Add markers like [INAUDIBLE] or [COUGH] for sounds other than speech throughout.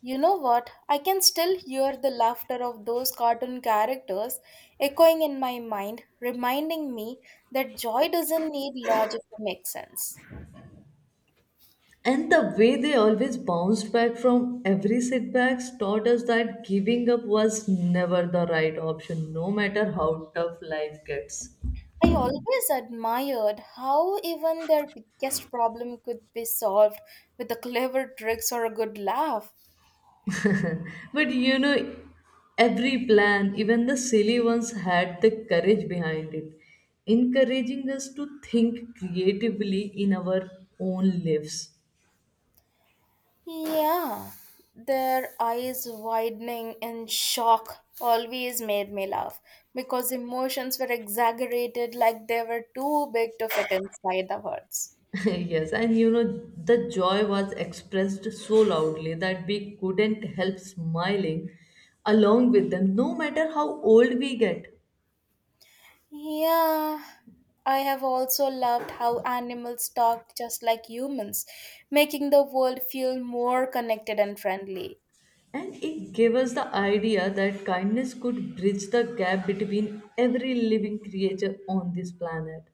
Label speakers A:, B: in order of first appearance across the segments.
A: You know what? I can still hear the laughter of those cartoon characters echoing in my mind, reminding me that joy doesn't need logic to make sense.
B: And the way they always bounced back from every setbacks taught us that giving up was never the right option, no matter how tough life gets.
A: I always admired how even their biggest problem could be solved with a clever tricks or a good laugh.
B: But you know, every plan, even the silly ones, had the courage behind it, encouraging us to think creatively in our own lives.
A: Yeah, their eyes widening in shock always made me laugh because emotions were exaggerated like they were too big to fit inside the words.
B: [LAUGHS] Yes, and you know, the joy was expressed so loudly that we couldn't help smiling along with them, no matter how old we get.
A: Yeah, I have also loved how animals talk just like humans, making the world feel more connected and friendly.
B: And it gave us the idea that kindness could bridge the gap between every living creature on this planet.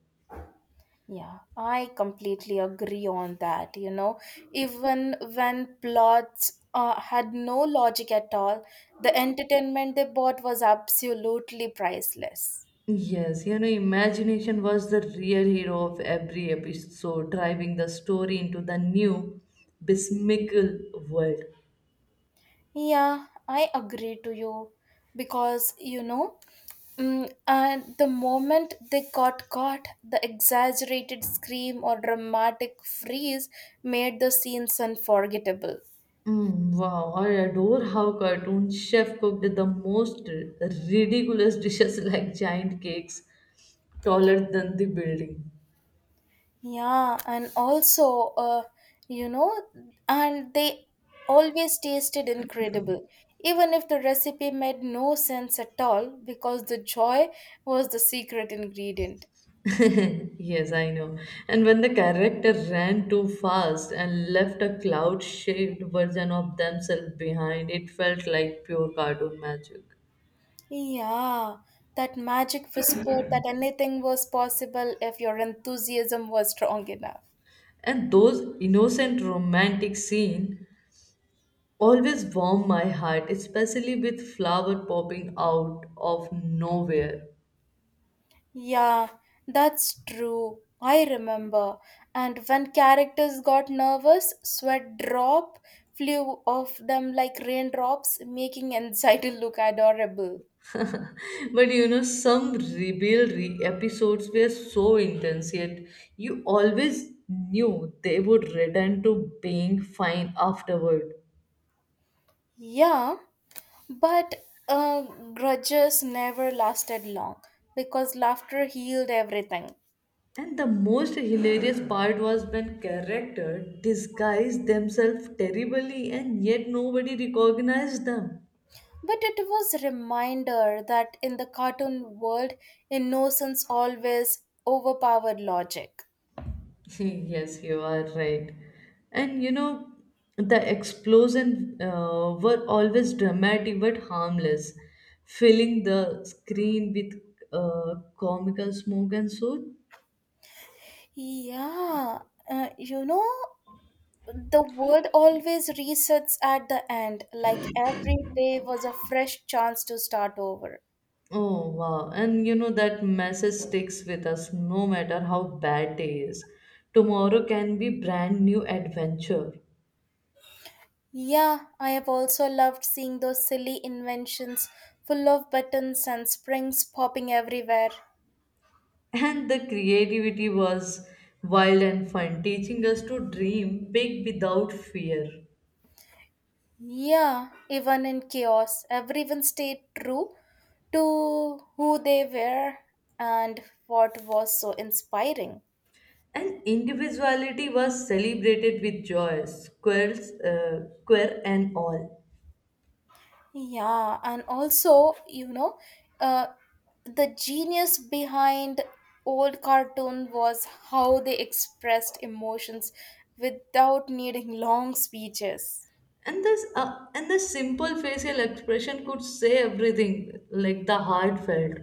A: Yeah, I completely agree on that. You know, even when plots had no logic at all, the entertainment they brought was absolutely priceless.
B: Yes, you know, imagination was the real hero of every episode, driving the story into the new, besmickle world.
A: Yeah, I agree to you because you know, and the moment they got caught, the exaggerated scream or dramatic freeze made the scenes unforgettable.
B: Mm, wow, I adore how cartoon chef cooked the most ridiculous dishes [LAUGHS] like giant cakes taller than the building.
A: Yeah, and also, you know, and they always tasted incredible, even if the recipe made no sense at all because the joy was the secret ingredient.
B: [LAUGHS] Yes, I know. And when the character ran too fast and left a cloud-shaped version of themselves behind, it felt like pure cartoon magic.
A: Yeah, that magic whispered that anything was possible if your enthusiasm was strong enough.
B: And those innocent romantic scenes always warm my heart, especially with flower popping out of nowhere.
A: Yeah, that's true. I remember. And when characters got nervous, sweat drop flew off them like raindrops, making anxiety [LAUGHS] look adorable.
B: But you know, some rebelry episodes were so intense, yet you always knew they would return to being fine afterward.
A: Yeah, but uh, grudges never lasted long because laughter healed everything.
B: And the most hilarious part was when characters disguised themselves terribly and yet nobody recognized them.
A: But it was a reminder that in the cartoon world, innocence always overpowered logic.
B: [LAUGHS] Yes, you are right. And you know, the explosion were always dramatic but harmless, filling the screen with comical smoke and soot.
A: Yeah, you know, the world always resets at the end, like every day was a fresh chance to start over.
B: Oh, wow. And you know, that message sticks with us no matter how bad day is. Tomorrow can be brand new adventure. [LAUGHS]
A: Yeah, I have also loved seeing those silly inventions full of buttons and springs popping everywhere.
B: And the creativity was wild and fun, teaching us to dream big without fear.
A: Yeah, even in chaos, everyone stayed true to who they were and what was so inspiring.
B: And individuality was celebrated with joy, squirrels, square and all.
A: Yeah, and also, you know, uh, the genius behind old cartoon was how they expressed emotions without needing long speeches.
B: And the simple facial expression could say everything, like the heart felt.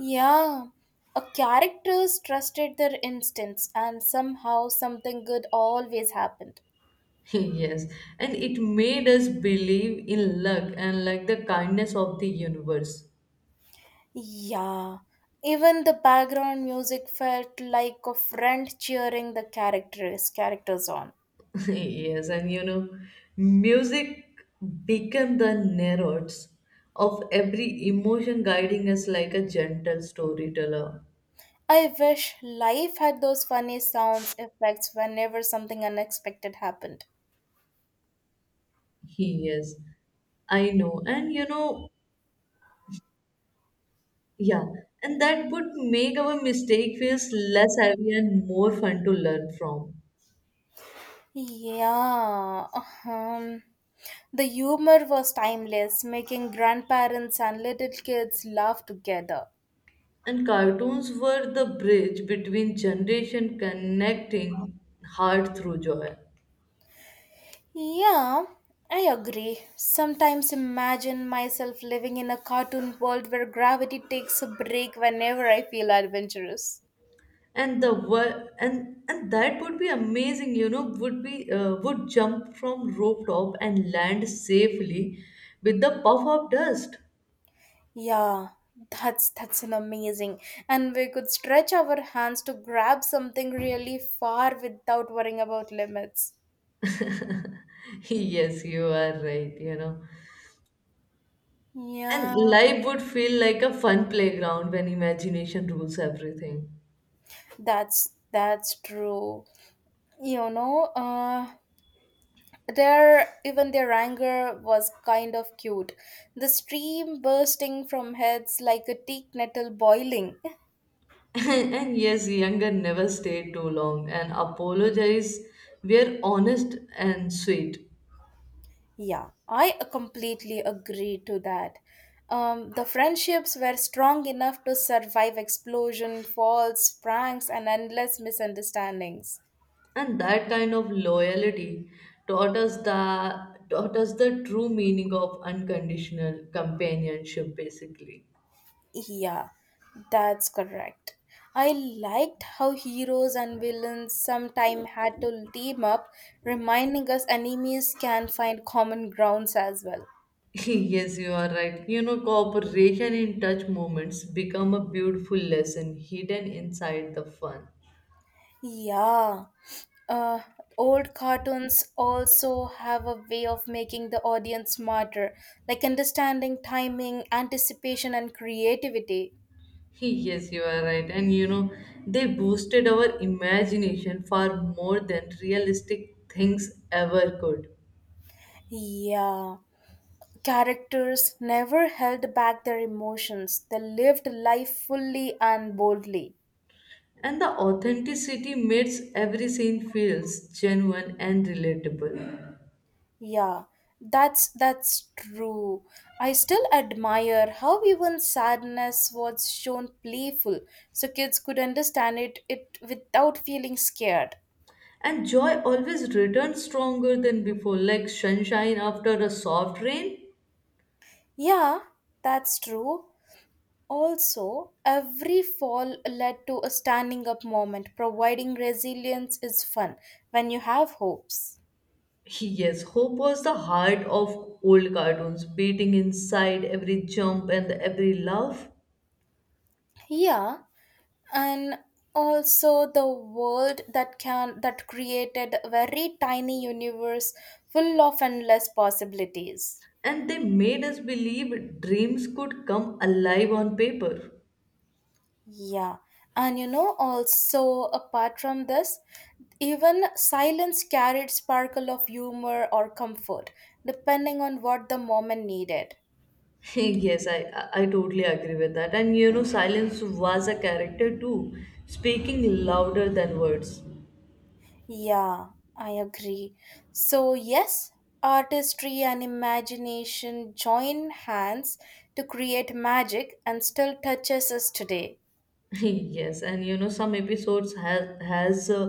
A: Yeah, a characters trusted their instincts, and somehow something good always happened.
B: [LAUGHS] Yes, and it made us believe in luck and like the kindness of the universe.
A: Yeah, even the background music felt like a friend cheering the characters on.
B: [LAUGHS] Yes, and you know, music became the narrators of every emotion, guiding us like a gentle storyteller.
A: I wish life had those funny sounds effects whenever something unexpected happened.
B: He is. I know. And you know, yeah, and that would make our mistake feels less heavy and more fun to learn from.
A: Yeah, um, the humor was timeless, making grandparents and little kids laugh together.
B: And cartoons were the bridge between generation connecting heart through joy.
A: Yeah, I agree. Sometimes imagine myself living in a cartoon world where gravity takes a break whenever I feel adventurous.
B: And the wor- and that would be amazing, you know, would be would jump from rope top and land safely with the puff of dust.
A: Yeah, that's an amazing. And we could stretch our hands to grab something really far without worrying about limits.
B: [LAUGHS] Yes, you are right, you know. And
A: Yeah,
B: life would feel like a fun playground when imagination rules everything.
A: that's true. You know, their even their anger was kind of cute. The stream bursting from heads like a teak nettle boiling.
B: [LAUGHS] And yes, younger never stayed too long and apologize were honest and sweet.
A: Yeah, I completely agree to that. The friendships were strong enough to survive explosion, falls, pranks, and endless misunderstandings.
B: And that kind of loyalty taught us the true meaning of unconditional companionship basically.
A: Yeah, that's correct. I liked how heroes and villains sometimes had to team up, reminding us enemies can find common grounds as well.
B: [LAUGHS] Yes, you are right. You know, cooperation in touch moments become a beautiful lesson hidden inside the fun.
A: Yeah, uh, old cartoons also have a way of making the audience smarter, like understanding timing, anticipation, and creativity.
B: Yes, you are right. And you know, they boosted our imagination far more than realistic things ever could.
A: Yeah. Characters never held back their emotions. They lived life fully and boldly.
B: And the authenticity makes every scene feels genuine and relatable.
A: Yeah, that's true. I still admire how even sadness was shown playful, so kids could understand it without feeling scared.
B: And joy always returns stronger than before, like sunshine after a soft rain.
A: Yeah, that's true. Also, every fall led to a standing up moment, providing resilience is fun when you have hopes.
B: Yes, hope was the heart of old cartoons, beating inside every jump and every laugh.
A: Yeah, and also the world that created a very tiny universe full of endless possibilities.
B: And they made us believe dreams could come alive on paper.
A: Yeah, and you know, also apart from this, even silence carried sparkle of humor or comfort depending on what the moment needed.
B: [LAUGHS] Yes, I totally agree with that. And you know, silence was a character too, speaking louder than words.
A: Yeah, I agree. So, yes, artistry and imagination join hands to create magic and still touches us today.
B: [LAUGHS] Yes, and you know, some episodes has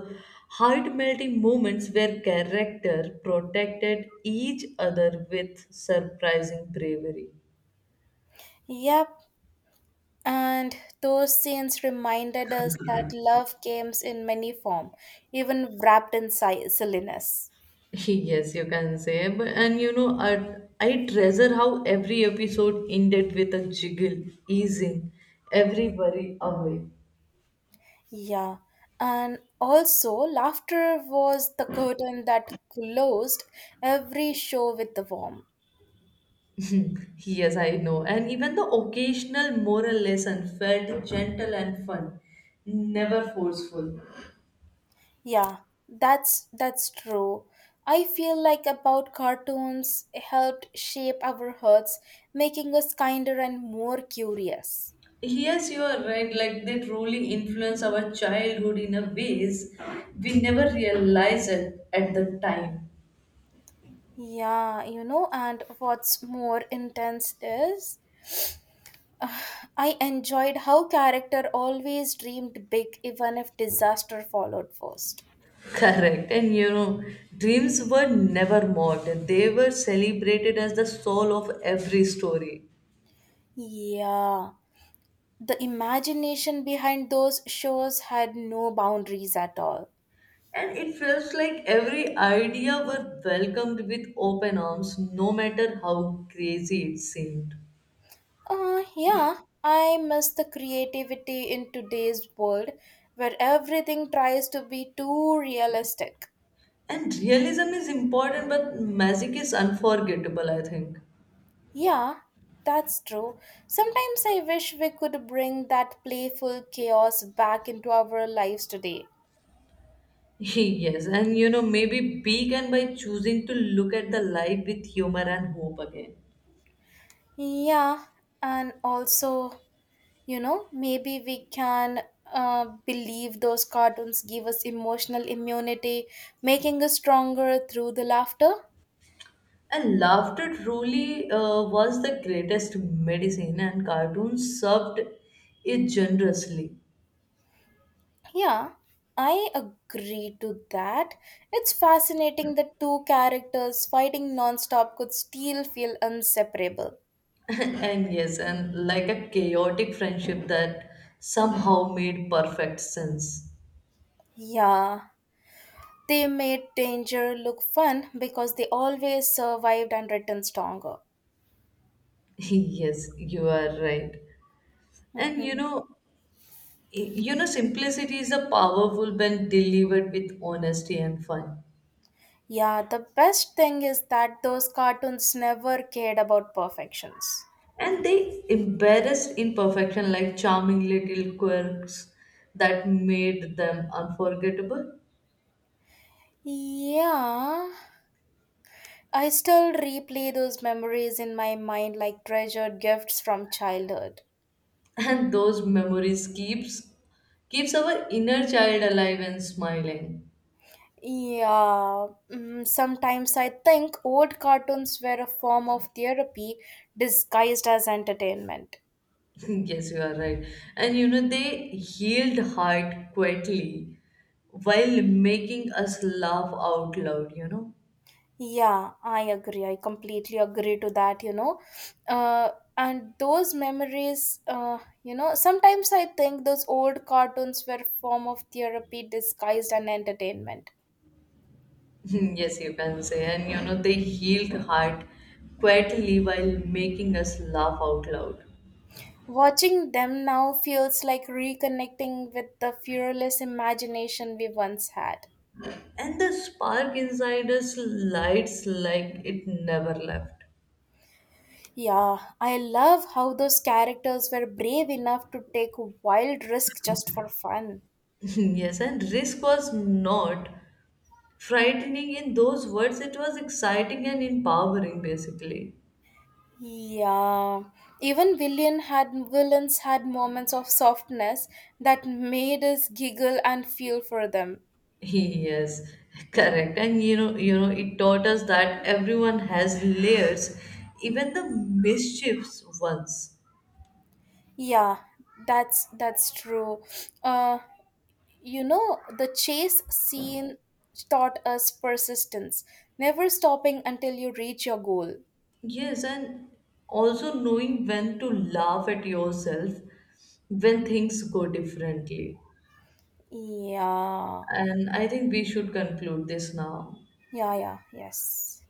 B: heart melting moments where character protected each other with surprising bravery.
A: Yep, and those scenes reminded us that love comes in many form, even wrapped in silliness.
B: [LAUGHS] Yes, you can say. But and you know, I treasure how every episode ended with a jiggle, easing every worry away.
A: Yeah, and also laughter was the curtain that closed every show with the warmth.
B: Yes, I know. And even the occasional moral lesson felt gentle and fun, never forceful.
A: Yeah, that's true. I feel like about cartoons helped shape our hearts, making us kinder and more curious.
B: Yes, you are right. Like they truly influence our childhood in a ways we never realize it at the time.
A: Yeah, you know, and what's more intense is [SIGHS] uh, I enjoyed how character always dreamed big even if disaster followed first.
B: Correct. And you know, dreams were never mocked. They were celebrated as the soul of every story.
A: Yeah, the imagination behind those shows had no boundaries at all.
B: And it felt like every idea were welcomed with open arms, no matter how crazy it seemed.
A: Yeah, I miss the creativity in today's world where everything tries to be too realistic.
B: And realism is important, but magic is unforgettable, I think.
A: Yeah, that's true. Sometimes I wish we could bring that playful chaos back into our lives today.
B: [LAUGHS] Yes, and you know, maybe begin by choosing to look at the light with humor and hope again.
A: Yeah, and also, you know, maybe we can believe those cartoons give us emotional immunity, making us stronger through the laughter.
B: And laughter truly was the greatest medicine, and cartoons served it generously.
A: Yeah, I agree to that. It's fascinating that two characters fighting nonstop could still feel inseparable.
B: [LAUGHS] And yes, and like a chaotic friendship that somehow made perfect sense.
A: Yeah, they made danger look fun because they always survived and returned stronger.
B: [LAUGHS] Yes, you are right. And you
A: Mhm.
B: know, simplicity is a powerful when delivered with honesty and fun.
A: Yeah, the best thing is that those cartoons never cared about perfections.
B: And they embarrassed imperfection like charming little quirks that made them unforgettable.
A: Yeah, I still replay those memories in my mind like treasured gifts from childhood.
B: And those memories keeps our inner child alive and smiling.
A: Yeah, sometimes I think old cartoons were a form of therapy disguised as entertainment.
B: [LAUGHS] Yes, you are right, and you know, they healed heart quietly while making us laugh out loud, you know.
A: Yeah, I agree. I completely agree to that, you know. Uh, and those memories, you know, sometimes I think those old cartoons were form of therapy disguised as entertainment.
B: [LAUGHS] Yes, you can say, and you know, they healed heart quietly while making us laugh out loud.
A: Watching them now feels like reconnecting with the fearless imagination we once had.
B: And the spark inside us lights like it never left.
A: Yeah, I love how those characters were brave enough to take wild risks just for fun.
B: [LAUGHS] Yes, and risk was not frightening in those words. It was exciting and empowering basically.
A: Yeah, even villains had moments of softness that made us giggle and feel for them.
B: [LAUGHS] Yes, correct. And you know it taught us that everyone has layers, even the mischiefs ones.
A: Yeah, that's true. Uh, you know, the chase scene taught us persistence, never stopping until you reach your goal.
B: Yes, and also knowing when to laugh at yourself when things go differently.
A: Yeah,
B: And I think we should conclude this now.
A: yeah, yeah, yes.